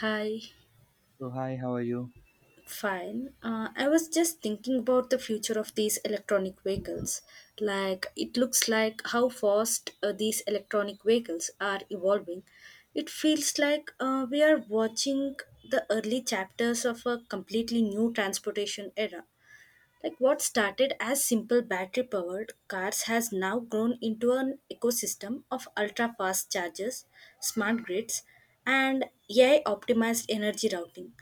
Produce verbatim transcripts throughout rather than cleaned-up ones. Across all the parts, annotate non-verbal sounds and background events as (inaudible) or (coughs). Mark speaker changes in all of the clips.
Speaker 1: Hi,
Speaker 2: So hi, how are you?
Speaker 1: fine. Uh, I was just thinking about the future of these electronic vehicles. Like, it looks like how fast uh, these electronic vehicles are evolving. It feels like uh, we are watching the early chapters of a completely new transportation era. Like what started as simple battery powered cars has now grown into an ecosystem of ultra fast chargers, smart grids, and A I optimized energy routing.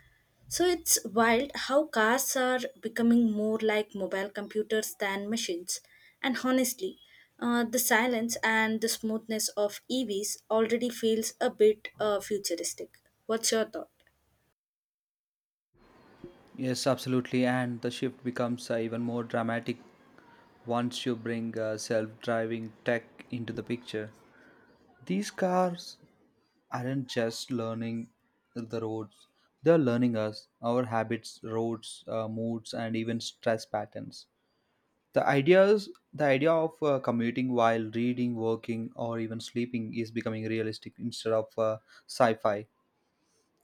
Speaker 1: So it's wild how cars are becoming more like mobile computers than machines. And honestly, uh, the silence and the smoothness of E Vs already feels a bit uh, futuristic. What's your thought?
Speaker 2: Yes, absolutely. And the shift becomes uh, even more dramatic once you bring uh, self driving tech into the picture. These cars aren't just learning the roads, they're learning us, our habits, roads, uh, moods, and even stress patterns. The ideas, the idea of uh, commuting while reading, working, or even sleeping is becoming realistic instead of uh, sci fi.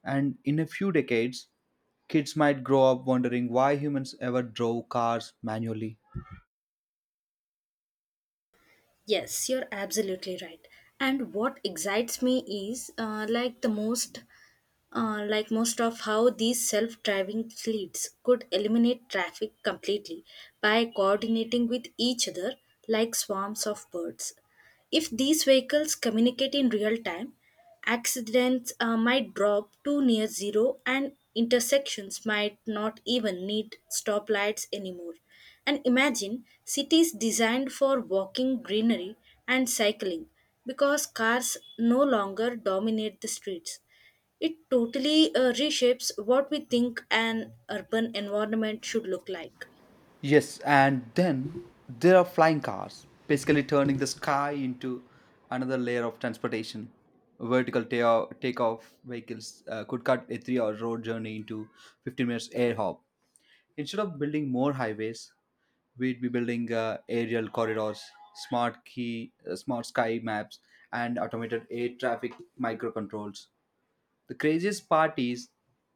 Speaker 2: And in a few decades, kids might grow up wondering why humans ever drove cars manually.
Speaker 1: Yes, you're absolutely right. And what excites me is uh, like the most uh, like most of how these self-driving fleets could eliminate traffic completely by coordinating with each other like swarms of birds. If these vehicles communicate in real time, accidents uh, might drop to near zero and intersections might not even need stoplights anymore. And imagine cities designed for walking greenery and cycling because cars no longer dominate the streets. It totally uh, reshapes what we think an urban environment should look like.
Speaker 2: Yes, and then there are flying cars, basically turning the sky into another layer of transportation. Vertical ta- takeoff vehicles uh, could cut a three hour road journey into fifteen minutes air hop. Instead of building more highways, we'd be building uh, aerial corridors, smart key, uh, smart sky maps, and automated air traffic microcontrols. The craziest part is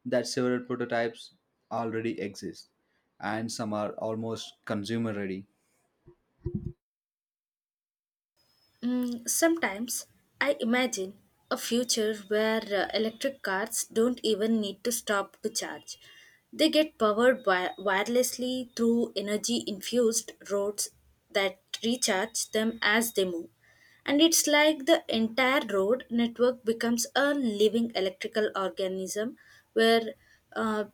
Speaker 2: that several prototypes already exist and some are almost consumer ready.
Speaker 1: Mm, sometimes I imagine a future where uh, electric cars don't even need to stop to charge. They get powered wi- wirelessly through energy infused roads that recharge them as they move. And it's like the entire road network becomes a living electrical organism where uh,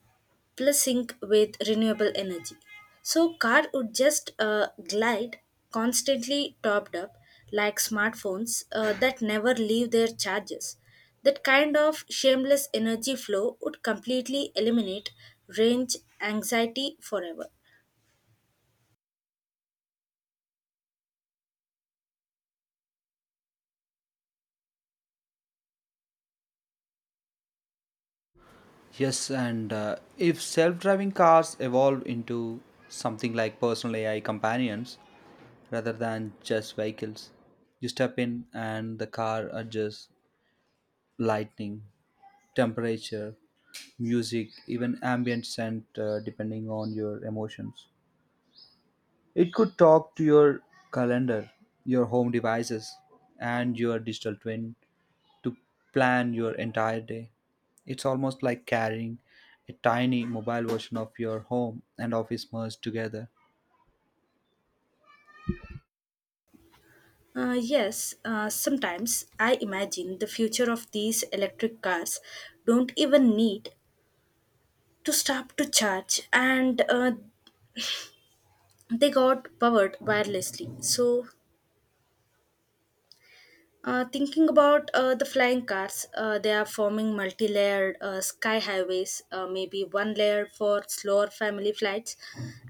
Speaker 1: plus sync with renewable energy. So car would just uh, glide constantly topped up like smartphones uh, that never leave their charges. That kind of shameless energy flow would completely eliminate range anxiety forever.
Speaker 2: Yes, and uh, if self driving cars evolve into something like personal A I companions rather than just vehicles, you step in and the car adjusts lighting, temperature, music, even ambient scent uh, depending on your emotions. It could talk to your calendar, your home devices, and your digital twin to plan your entire day. It's almost like carrying a tiny mobile version of your home and office merged together.
Speaker 1: Uh, yes, uh, sometimes I imagine the future of these electric cars don't even need to stop to charge and uh, they got powered wirelessly. So Uh, thinking about uh, the flying cars, uh, they are forming multi layered uh, sky highways, uh, maybe one layer for slower family flights,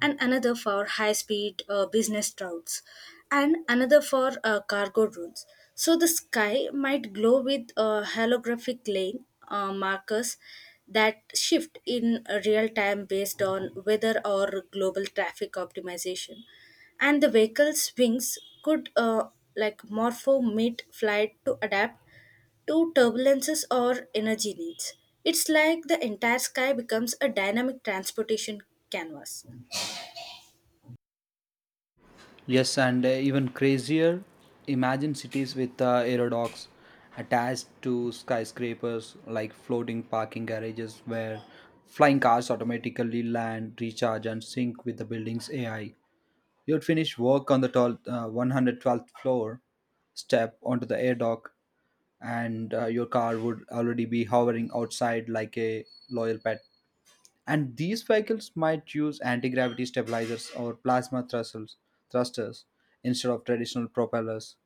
Speaker 1: and another for high speed uh, business routes, and another for uh, cargo routes. So the sky might glow with uh, holographic lane uh, markers that shift in real time based on weather or global traffic optimization and the vehicle's wings could uh, like morpho mid-flight to adapt to turbulences or energy needs. It's like the entire sky becomes a dynamic transportation canvas.
Speaker 2: Yes, and uh, even crazier, imagine cities with uh, aerodocs attached to skyscrapers like floating parking garages where flying cars automatically land, recharge, and sync with the building's A I. He would finish work on the tall, uh, one hundred twelfth floor, step onto the air dock, and uh, your car would already be hovering outside like a loyal pet. And these vehicles might use anti gravity stabilizers or plasma thrusters, thrusters instead of traditional propellers.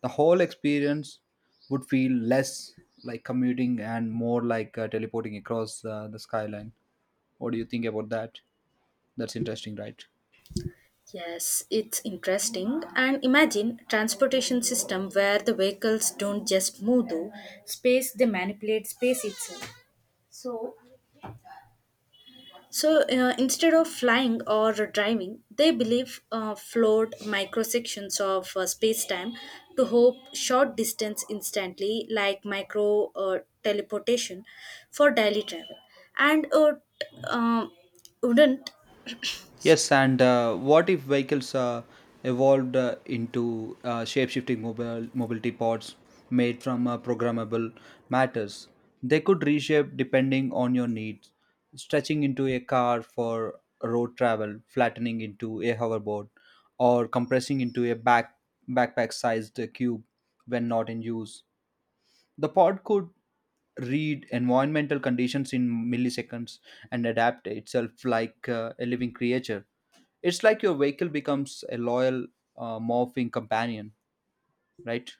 Speaker 2: The whole experience would feel less like commuting and more like uh, teleporting across uh, the skyline. What do you think about that? That's interesting, right?
Speaker 1: Yes, it's interesting. And imagine transportation system where the vehicles don't just move through space, they manipulate space itself. So. So uh, instead of flying or driving, they believe uh, flowed microsections of uh, space-time to hope short distance instantly, like micro uh, teleportation for daily travel, and uh, t- uh, wouldn't (coughs) (clears throat)
Speaker 2: Yes, and uh, what if vehicles uh, evolved uh, into uh, shape-shifting mobile mobility pods made from uh, programmable matters? They could reshape depending on your needs, stretching into a car for road travel, flattening into a hoverboard, or compressing into a back backpack-sized cube when not in use. The pod could read environmental conditions in milliseconds and adapt itself like uh, a living creature. It's like your vehicle becomes a loyal, uh, morphing companion, right?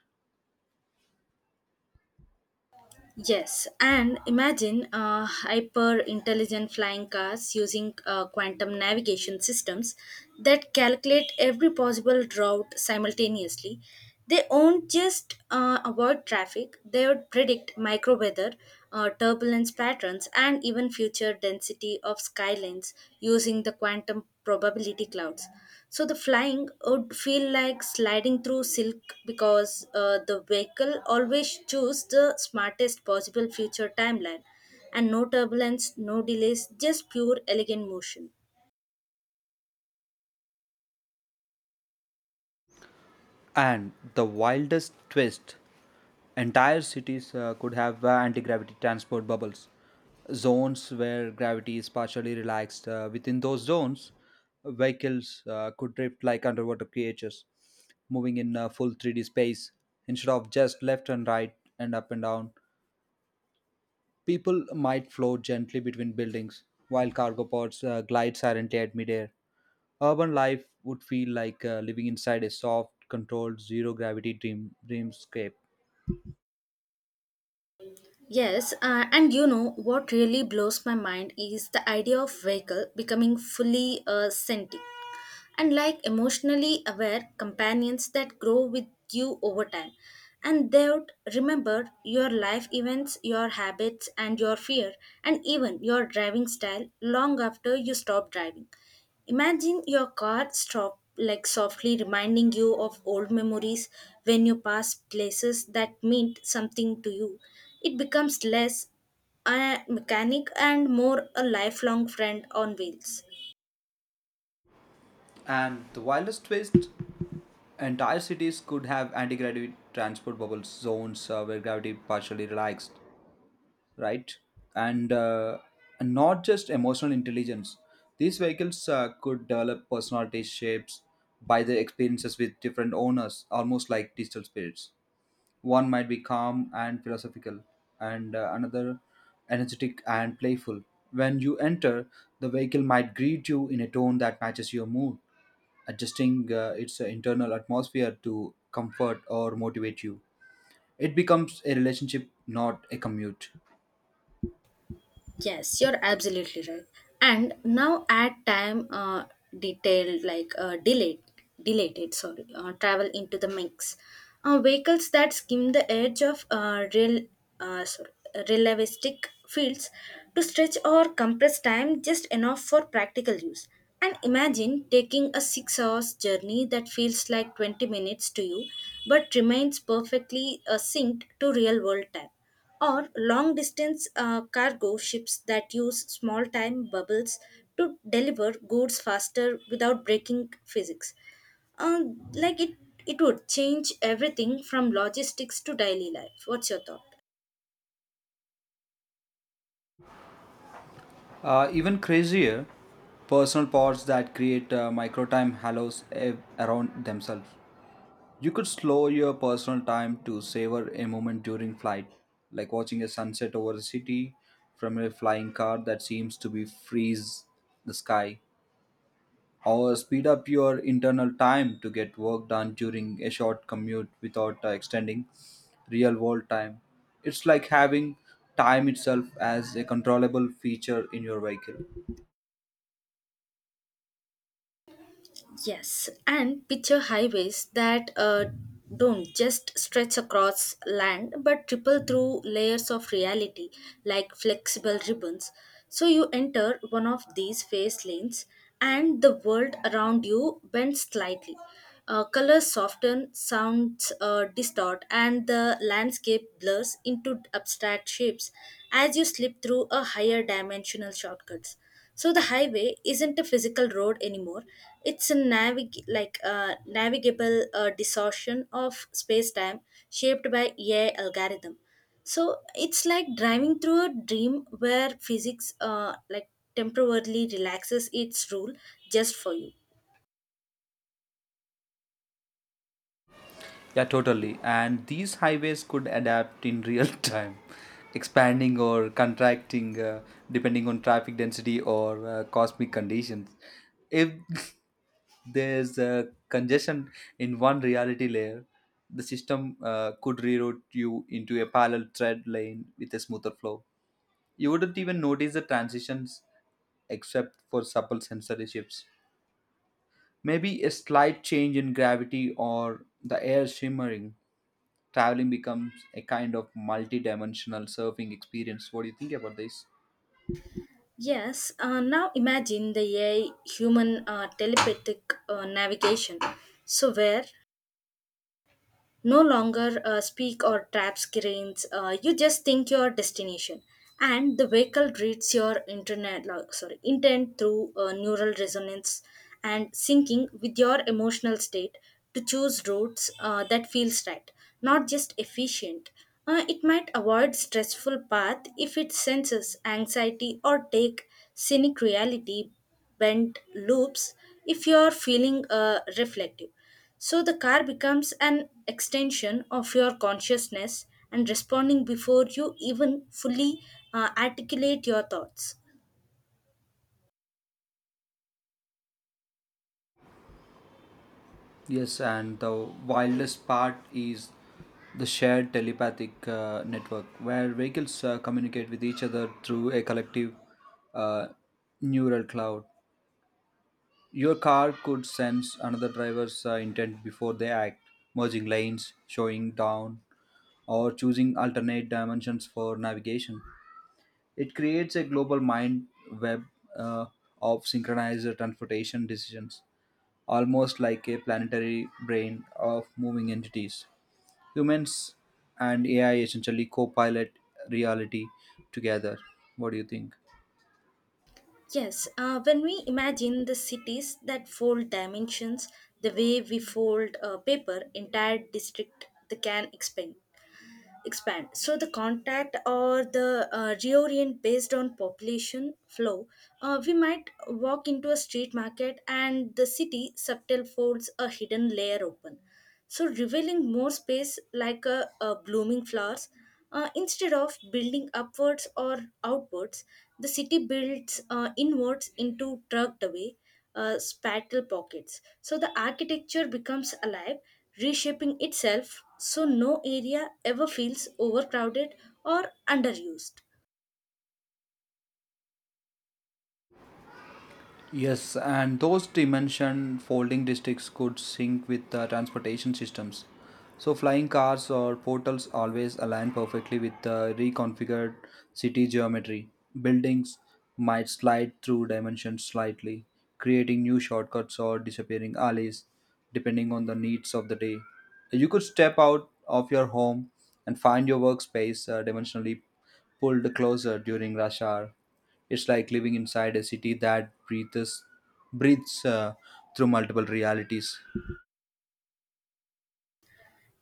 Speaker 1: Yes, and imagine uh, hyper intelligent flying cars using uh, quantum navigation systems that calculate every possible route simultaneously. They won't just uh, avoid traffic, they would predict micro weather, uh, turbulence patterns, and even future density of skylines using the quantum probability clouds. So the flying would feel like sliding through silk because uh, the vehicle always choose the smartest possible future timeline and no turbulence, no delays, just pure elegant motion.
Speaker 2: And the wildest twist. Entire cities uh, could have uh, anti gravity transport bubbles, zones where gravity is partially relaxed. Uh, within those zones, vehicles uh, could drift like underwater creatures, moving in uh, full three D space instead of just left and right and up and down. People might float gently between buildings while cargo pods uh, glide silently at midair. Urban life would feel like uh, living inside a soft, controlled, zero gravity dream dreamscape.
Speaker 1: Yes, uh, and you know what really blows my mind is the idea of vehicle becoming fully uh, sentient. And like emotionally aware companions that grow with you over time. And they would remember your life events, your habits, and your fear, and even your driving style long after you stop driving. Imagine your car stop like softly reminding you of old memories when you pass places that meant something to you. It becomes less a mechanic and more a lifelong friend on wheels.
Speaker 2: And the wildest twist. Entire cities could have anti-gravity transport bubble zones, uh, where gravity partially relaxed, right? And, uh, not just emotional intelligence. These vehicles uh, could develop personality shapes by their experiences with different owners, almost like digital spirits. One might be calm and philosophical, and uh, another energetic and playful. When you enter, the vehicle might greet you in a tone that matches your mood, adjusting uh, its uh, internal atmosphere to comfort or motivate you. It becomes a relationship, not a commute.
Speaker 1: Yes, you're absolutely right. And now add time uh, detailed like uh, delayed, deleted, sorry, uh, travel into the mix. Uh, vehicles that skim the edge of uh, real, uh, sorry, relativistic fields to stretch or compress time just enough for practical use. And imagine taking a six hours journey that feels like twenty minutes to you but remains perfectly uh, synced to real world time or long distance uh, cargo ships that use small time bubbles to deliver goods faster without breaking physics. Um, like it, it would change everything from logistics to daily life. What's your thought?
Speaker 2: Uh, even crazier, personal pods that create uh, micro time halos uh, around themselves. You could slow your personal time to savor a moment during flight, like watching a sunset over the city from a flying car that seems to be freeze the sky, or speed up your internal time to get work done during a short commute without uh, extending real world time. It's like having time itself as a controllable feature in your vehicle.
Speaker 1: Yes, and picture highways that uh, don't just stretch across land but triple through layers of reality like flexible ribbons. So you enter one of these phase lanes and the world around you bends slightly. Uh, colors soften, sounds uh, distort, and the landscape blurs into abstract shapes as you slip through a higher dimensional shortcuts. So the highway isn't a physical road anymore. It's a navig- like a navigable uh, distortion of space-time shaped by A I algorithm. So it's like driving through a dream where physics uh, like temporarily relaxes its rule just for you.
Speaker 2: Yeah, totally. And these highways could adapt in real (laughs) time, expanding or contracting uh, depending on traffic density or uh, cosmic conditions. If (laughs) there's uh, congestion in one reality layer, the system uh, could reroute you into a parallel thread lane with a smoother flow. You wouldn't even notice the transitions except for supple sensory shifts. Maybe a slight change in gravity or the air shimmering, traveling becomes a kind of multi-dimensional surfing experience. What do you think about this?
Speaker 1: Yes, uh, now imagine the A I human uh, telepathic uh, navigation. So, where no longer uh, speak or tap screens. Uh, you just think your destination, and the vehicle reads your internet, lo- sorry, intent through uh, neural resonance and syncing with your emotional state to choose routes uh, that feels right, not just efficient. Uh, it might avoid stressful path if it senses anxiety or take scenic reality bent loops if you are feeling uh, reflective so the car becomes an extension of your consciousness and responding before you even fully uh, articulate your thoughts.
Speaker 2: Yes, and the wildest part is the shared telepathic uh, network where vehicles uh, communicate with each other through a collective uh, neural cloud. Your car could sense another driver's uh, intent before they act, merging lanes, showing down, or choosing alternate dimensions for navigation. It creates a global mind web uh, of synchronized transportation decisions, almost like a planetary brain of moving entities. Humans and A I essentially co pilot reality together. What do you think?
Speaker 1: Yes, uh, when we imagine the cities that fold dimensions the way we fold uh, paper, entire district they can expand. expand so the contact or the uh, reorient based on population flow uh, we might walk into a street market and the city subtle folds a hidden layer open so revealing more space like a, a blooming flowers uh, instead of building upwards or outwards the city builds uh, inwards into tucked away uh, spatial pockets. So the architecture becomes alive, reshaping itself so no area ever feels overcrowded or underused.
Speaker 2: Yes, and those dimension folding districts could sync with the transportation systems. So flying cars or portals always align perfectly with the reconfigured city geometry. Buildings might slide through dimensions slightly, creating new shortcuts or disappearing alleys depending on the needs of the day. You could step out of your home and find your workspace uh, dimensionally pulled closer during rush hour. It's like living inside a city that breathes breathes uh, through multiple realities.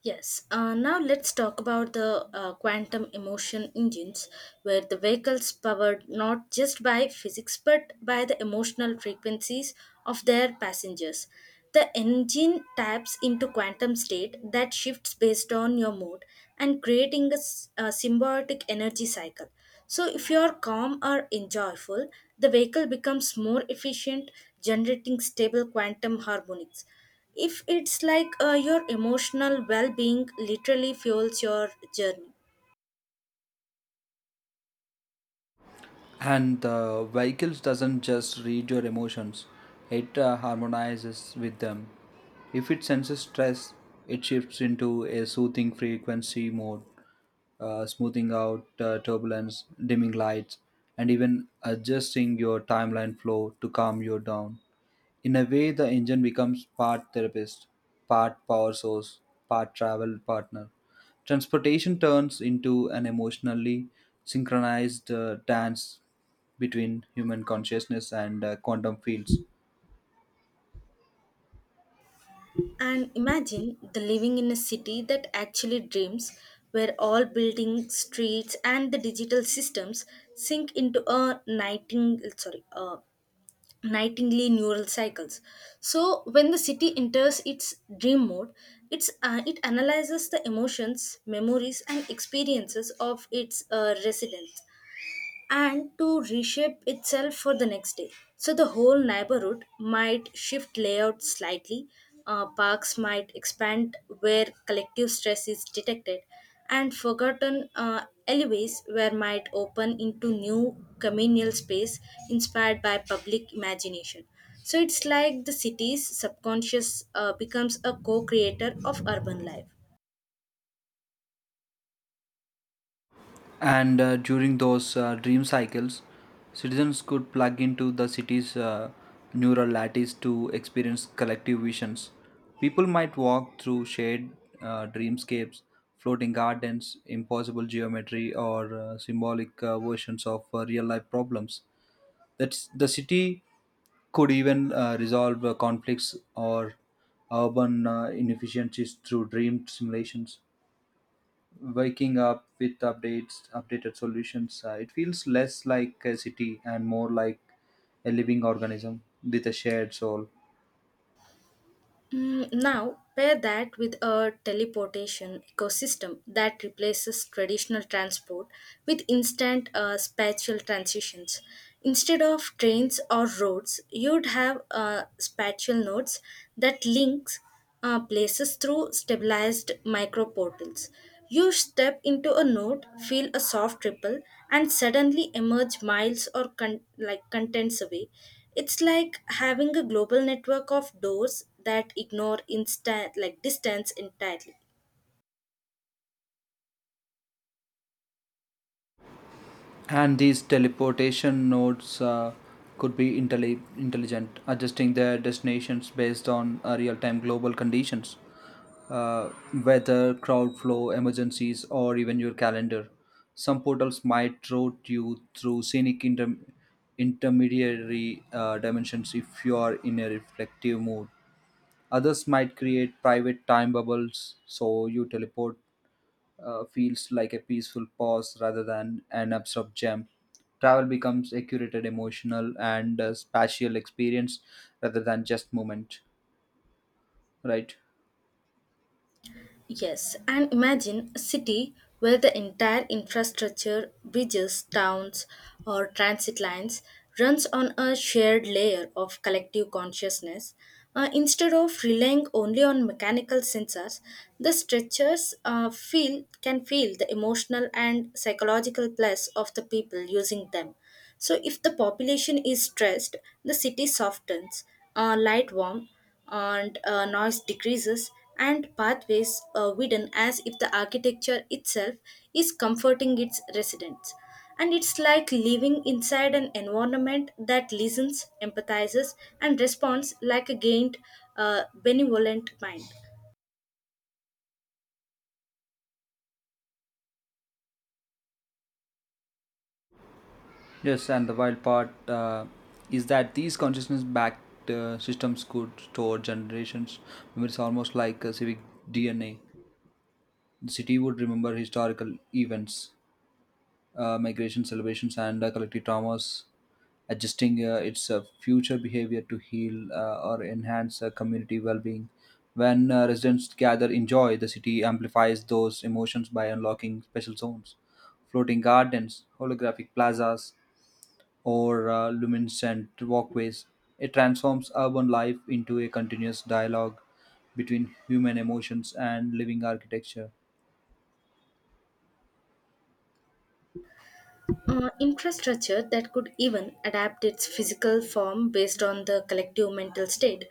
Speaker 1: Yes, uh, now let's talk about the uh, quantum emotion engines, where the vehicles powered not just by physics but by the emotional frequencies of their passengers. The engine taps into quantum state that shifts based on your mood and creating a, s- a symbiotic energy cycle. So, if you are calm or enjoyful, the vehicle becomes more efficient, generating stable quantum harmonics if it's like uh, your emotional well-being literally fuels your journey
Speaker 2: And the vehicles doesn't just read your emotions; it uh, harmonizes with them. If it senses stress, it shifts into a soothing frequency mode, uh, smoothing out uh, turbulence, dimming lights, and even adjusting your timeline flow to calm you down. In a way, the engine becomes part therapist, part power source, part travel partner. Transportation turns into an emotionally synchronized uh, dance between human consciousness and uh, quantum fields.
Speaker 1: and imagine the living in a city that actually dreams where all buildings streets and the digital systems sink into a nighting sorry uh, nightingly neural cycles so when the city enters its dream mode it's uh, it analyzes the emotions memories and experiences of its uh, residents and to reshape itself for the next day. So the whole neighborhood might shift layout slightly, uh, parks might expand where collective stress is detected, and forgotten uh, alleyways where might open into new communal space inspired by public imagination. So it's like the city's subconscious uh, becomes a co creator of urban life.
Speaker 2: And uh, during those uh, dream cycles, citizens could plug into the city's uh, neural lattice to experience collective visions. People might walk through shade uh, dreamscapes, floating gardens, impossible geometry, or uh, symbolic uh, versions of uh, real life problems. That's, the city could even uh, resolve uh, conflicts or urban uh, inefficiencies through dream simulations, waking up with updates updated solutions. Uh, it feels less like a city and more like a living organism with a shared soul.
Speaker 1: Mm, now, pair that with a teleportation ecosystem that replaces traditional transport with instant uh, spatial transitions. Instead of trains or roads, you'd have uh, spatial nodes that links uh, places through stabilized microportals. You step into a node, feel a soft ripple, and suddenly emerge miles or con- like contents away. It's like having a global network of doors that ignore instant like distance entirely.
Speaker 2: And these teleportation nodes uh, could be intelli- intelligent, adjusting their destinations based on uh, real-time global conditions, uh, weather, crowd flow, emergencies, or even your calendar. Some portals might route you through scenic inter- intermediary uh, dimensions if you are in a reflective mood. Others might create private time bubbles so you teleport uh, feels like a peaceful pause rather than an abrupt jump. Travel becomes a curated emotional and uh, spatial experience rather than just moment, right?
Speaker 1: Yes, and imagine a city where the entire infrastructure, bridges, towns, or transit lines runs on a shared layer of collective consciousness. Uh, instead of relying only on mechanical sensors, the stretchers uh, feel can feel the emotional and psychological place of the people using them. So, if the population is stressed, the city softens, uh, light warm, and uh, noise decreases, and pathways are widen as if the architecture itself is comforting its residents. And it's like living inside an environment that listens, empathizes, and responds like a gained, uh, benevolent mind.
Speaker 2: Yes, and the wild part uh, is that these consciousness backed uh, systems could store generations. It's almost like a civic D N A. The city would remember historical events, uh, migration celebrations and uh, collective traumas, adjusting uh, its uh, future behavior to heal uh, or enhance uh, community well-being. When uh, residents gather in joy, the city amplifies those emotions by unlocking special zones, floating gardens, holographic plazas, or uh, luminescent walkways. It transforms urban life into a continuous dialogue between human emotions and living architecture.
Speaker 1: Uh, infrastructure that could even adapt its physical form based on the collective mental state.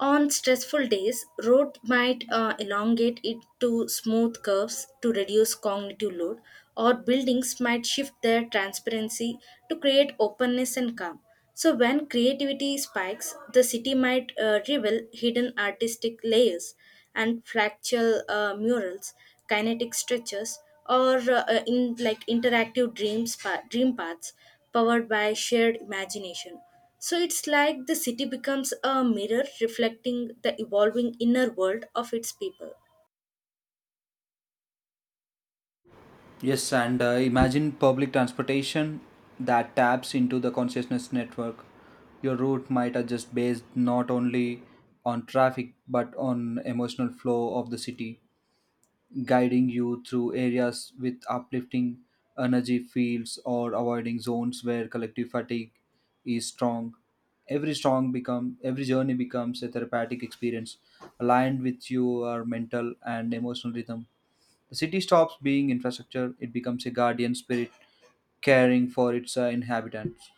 Speaker 1: On stressful days, road might uh, elongate it to smooth curves to reduce cognitive load, or buildings might shift their transparency to create openness and calm. So, when creativity spikes, the city might uh, reveal hidden artistic layers and fractal uh, murals, kinetic stretches, or uh, uh, in like interactive dreams pa- dream paths powered by shared imagination. So it's like the city becomes a mirror reflecting the evolving inner world of its people.
Speaker 2: Yes, and uh, imagine public transportation that taps into the consciousness network. Your route might adjust based not only on traffic but on emotional flow of the city, guiding you through areas with uplifting energy fields or avoiding zones where collective fatigue is strong. Every strong become every journey becomes a therapeutic experience aligned with your mental and emotional rhythm. The city stops being infrastructure, it becomes a guardian spirit caring for its uh, inhabitants.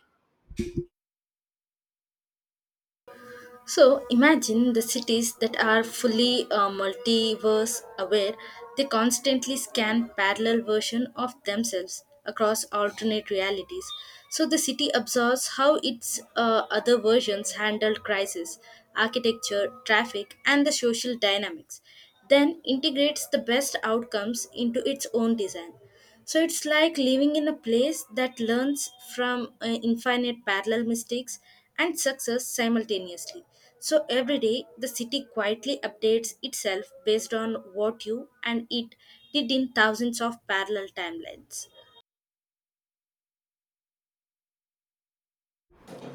Speaker 1: So imagine the cities that are fully uh, multiverse aware. They constantly scan parallel version of themselves across alternate realities. So the city absorbs how its uh, other versions handled crisis, architecture, traffic, and the social dynamics. Then integrates the best outcomes into its own design. So it's like living in a place that learns from uh, infinite parallel mistakes and success simultaneously. So every day, the city quietly updates itself based on what you and it did in thousands of parallel timelines.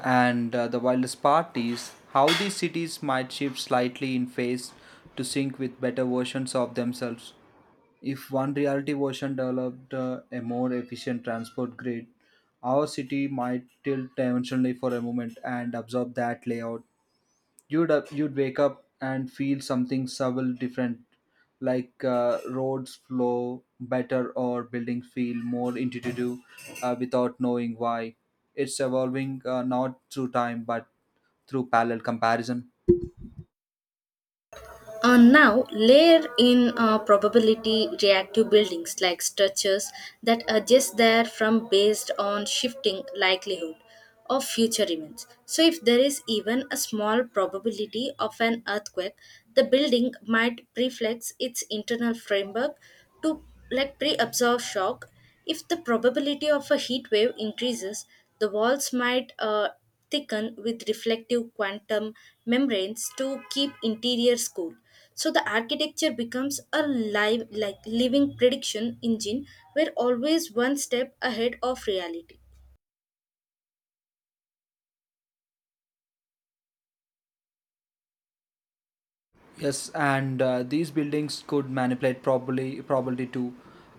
Speaker 2: And uh, the wildest part is how these cities might shift slightly in phase to sync with better versions of themselves. If one reality version developed uh, a more efficient transport grid, our city might tilt dimensionally for a moment and absorb that layout. You'd up, you'd wake up and feel something subtle different, like uh, roads flow better or buildings feel more intuitive, uh, without knowing why. It's evolving uh, not through time but through parallel comparison.
Speaker 1: Uh, now, layer in uh, probability reactive buildings like structures that adjust their from based on shifting likelihood of future events. So, if there is even a small probability of an earthquake, the building might preflex its internal framework to like pre-absorb shock if the probability of a heat wave increases, the walls might uh, thicken with reflective quantum membranes to keep interiors cool. So the architecture becomes a live, like living prediction engine, we're always one step ahead of reality.
Speaker 2: Yes, and uh, these buildings could manipulate probably probability to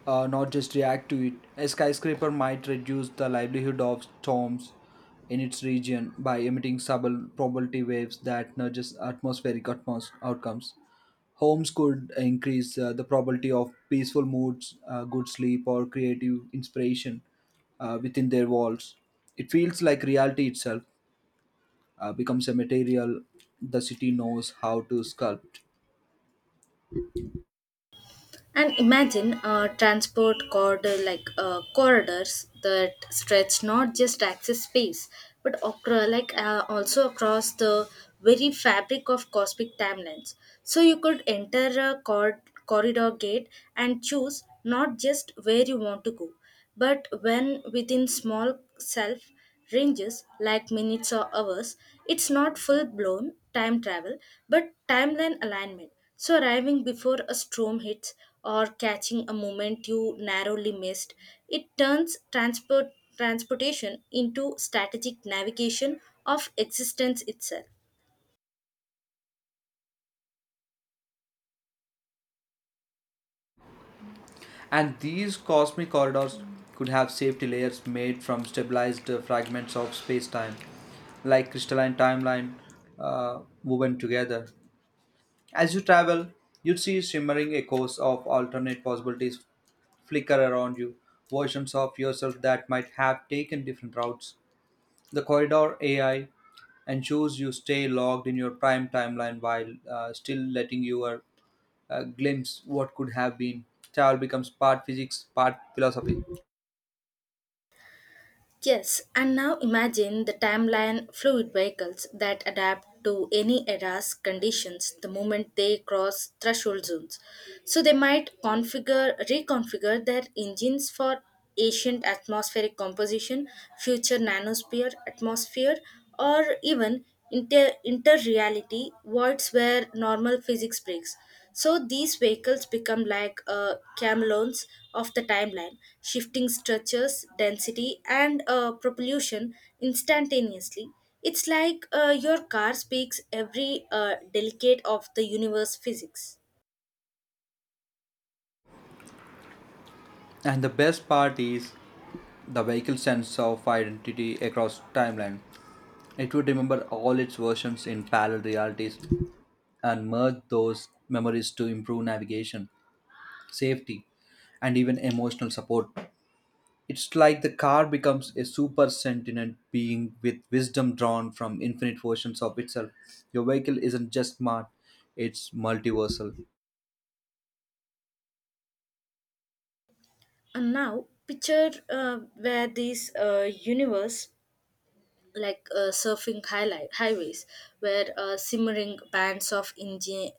Speaker 2: uh, not just react to it. A skyscraper might reduce the likelihood of storms in its region by emitting subtle probability waves that nudges atmospheric atmos- outcomes. Homes could increase uh, the probability of peaceful moods, uh, good sleep, or creative inspiration uh, within their walls. It feels like reality itself uh, becomes a material the city knows how to sculpt.
Speaker 1: And imagine uh, transport corridor like uh, corridors that stretch not just access space, but acro- like uh, also across the very fabric of cosmic timelines. So you could enter a cor- corridor gate and choose not just where you want to go, but when within small self ranges like minutes or hours. It's not full blown time travel, but timeline alignment. So, arriving before a storm hits or catching a moment you narrowly missed, it turns transport, transportation into strategic navigation of existence itself.
Speaker 2: And these cosmic corridors could have safety layers made from stabilized uh, fragments of space time, like crystalline timeline uh, woven together. As you travel, you'd see shimmering echoes of alternate possibilities flicker around you, versions of yourself that might have taken different routes. The corridor A I ensures you stay logged in your prime timeline while uh, still letting your uh, glimpse what could have been. Travel becomes part physics, part philosophy.
Speaker 1: Yes, and now imagine the timeline fluid vehicles that adapt to any era's conditions the moment they cross threshold zones. So they might configure reconfigure their engines for ancient atmospheric composition, future nanosphere atmosphere, or even inter inter reality voids where normal physics breaks. So these vehicles become like uh, camelons of the timeline, shifting structures, density, and uh, propulsion instantaneously. It's like uh, your car speaks every uh, delicate of the universe physics.
Speaker 2: And the best part is the vehicle's sense of identity across timeline. It would remember all its versions in parallel realities and merge those memories to improve navigation, safety, and even emotional support. It's like the car becomes a super sentient being with wisdom drawn from infinite versions of itself. Your vehicle isn't just smart, it's multiversal.
Speaker 1: And now, picture uh, where this uh, universe like uh, surfing highlight highways, where uh, simmering bands of engine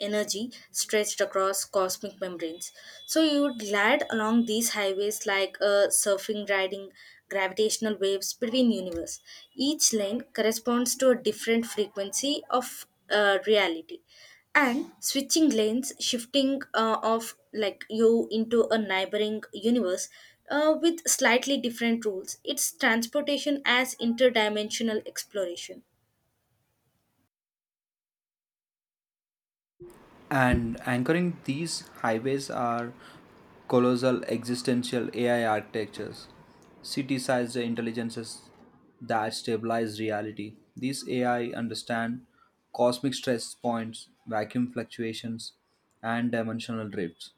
Speaker 1: energy stretched across cosmic membranes. So you would glide along these highways like a surfing riding gravitational waves between universe. Each lane corresponds to a different frequency of uh, reality and switching lanes shifting uh, of like you into a neighboring universe uh, with slightly different rules it's transportation as interdimensional exploration.
Speaker 2: And anchoring these highways are colossal existential A I architectures, city sized intelligences that stabilize reality. These A I understand cosmic stress points, vacuum fluctuations, and dimensional drifts.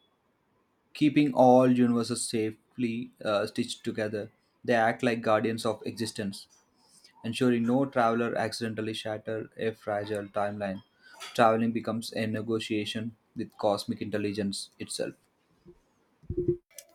Speaker 2: Keeping all universes safely uh, stitched together, they act like guardians of existence, ensuring no traveler accidentally shatters a fragile timeline. Traveling becomes a negotiation with cosmic intelligence itself.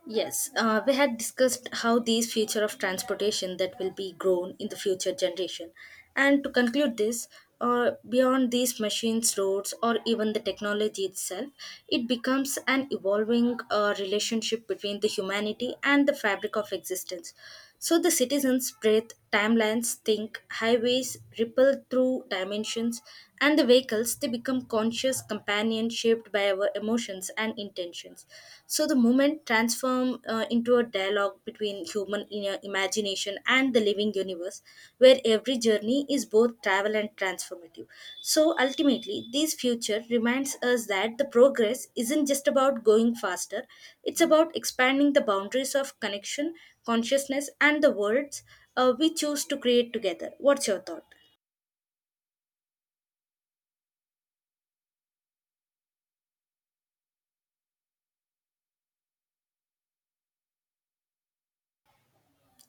Speaker 1: Yes uh, we had discussed how these future of transportation that will be grown in the future generation and to conclude this uh, beyond these machines roads or even the technology itself it becomes an evolving uh, relationship between the humanity and the fabric of existence. So the citizens breathe, timelines think, highways ripple through dimensions, and the vehicles they become conscious companions shaped by our emotions and intentions. So the movement transforms uh, into a dialogue between human in- imagination and the living universe, where every journey is both travel and transformative. So ultimately, this future reminds us that the progress isn't just about going faster; it's about expanding the boundaries of connection consciousness and the words uh, we choose to create together. What's your thought?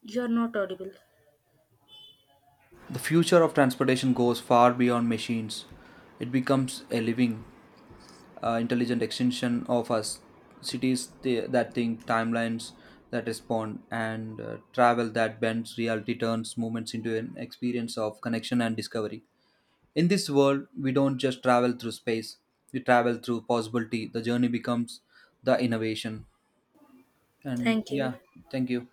Speaker 1: You are not audible.
Speaker 2: The future of transportation goes far beyond machines. It becomes a living, uh, intelligent extension of us. Cities th- that think, timelines that respond, and uh, travel that bends reality turns movements into an experience of connection and discovery. In this world, we don't just travel through space, we travel through possibility. The journey becomes the innovation. And
Speaker 1: Thank you.
Speaker 2: yeah, thank you.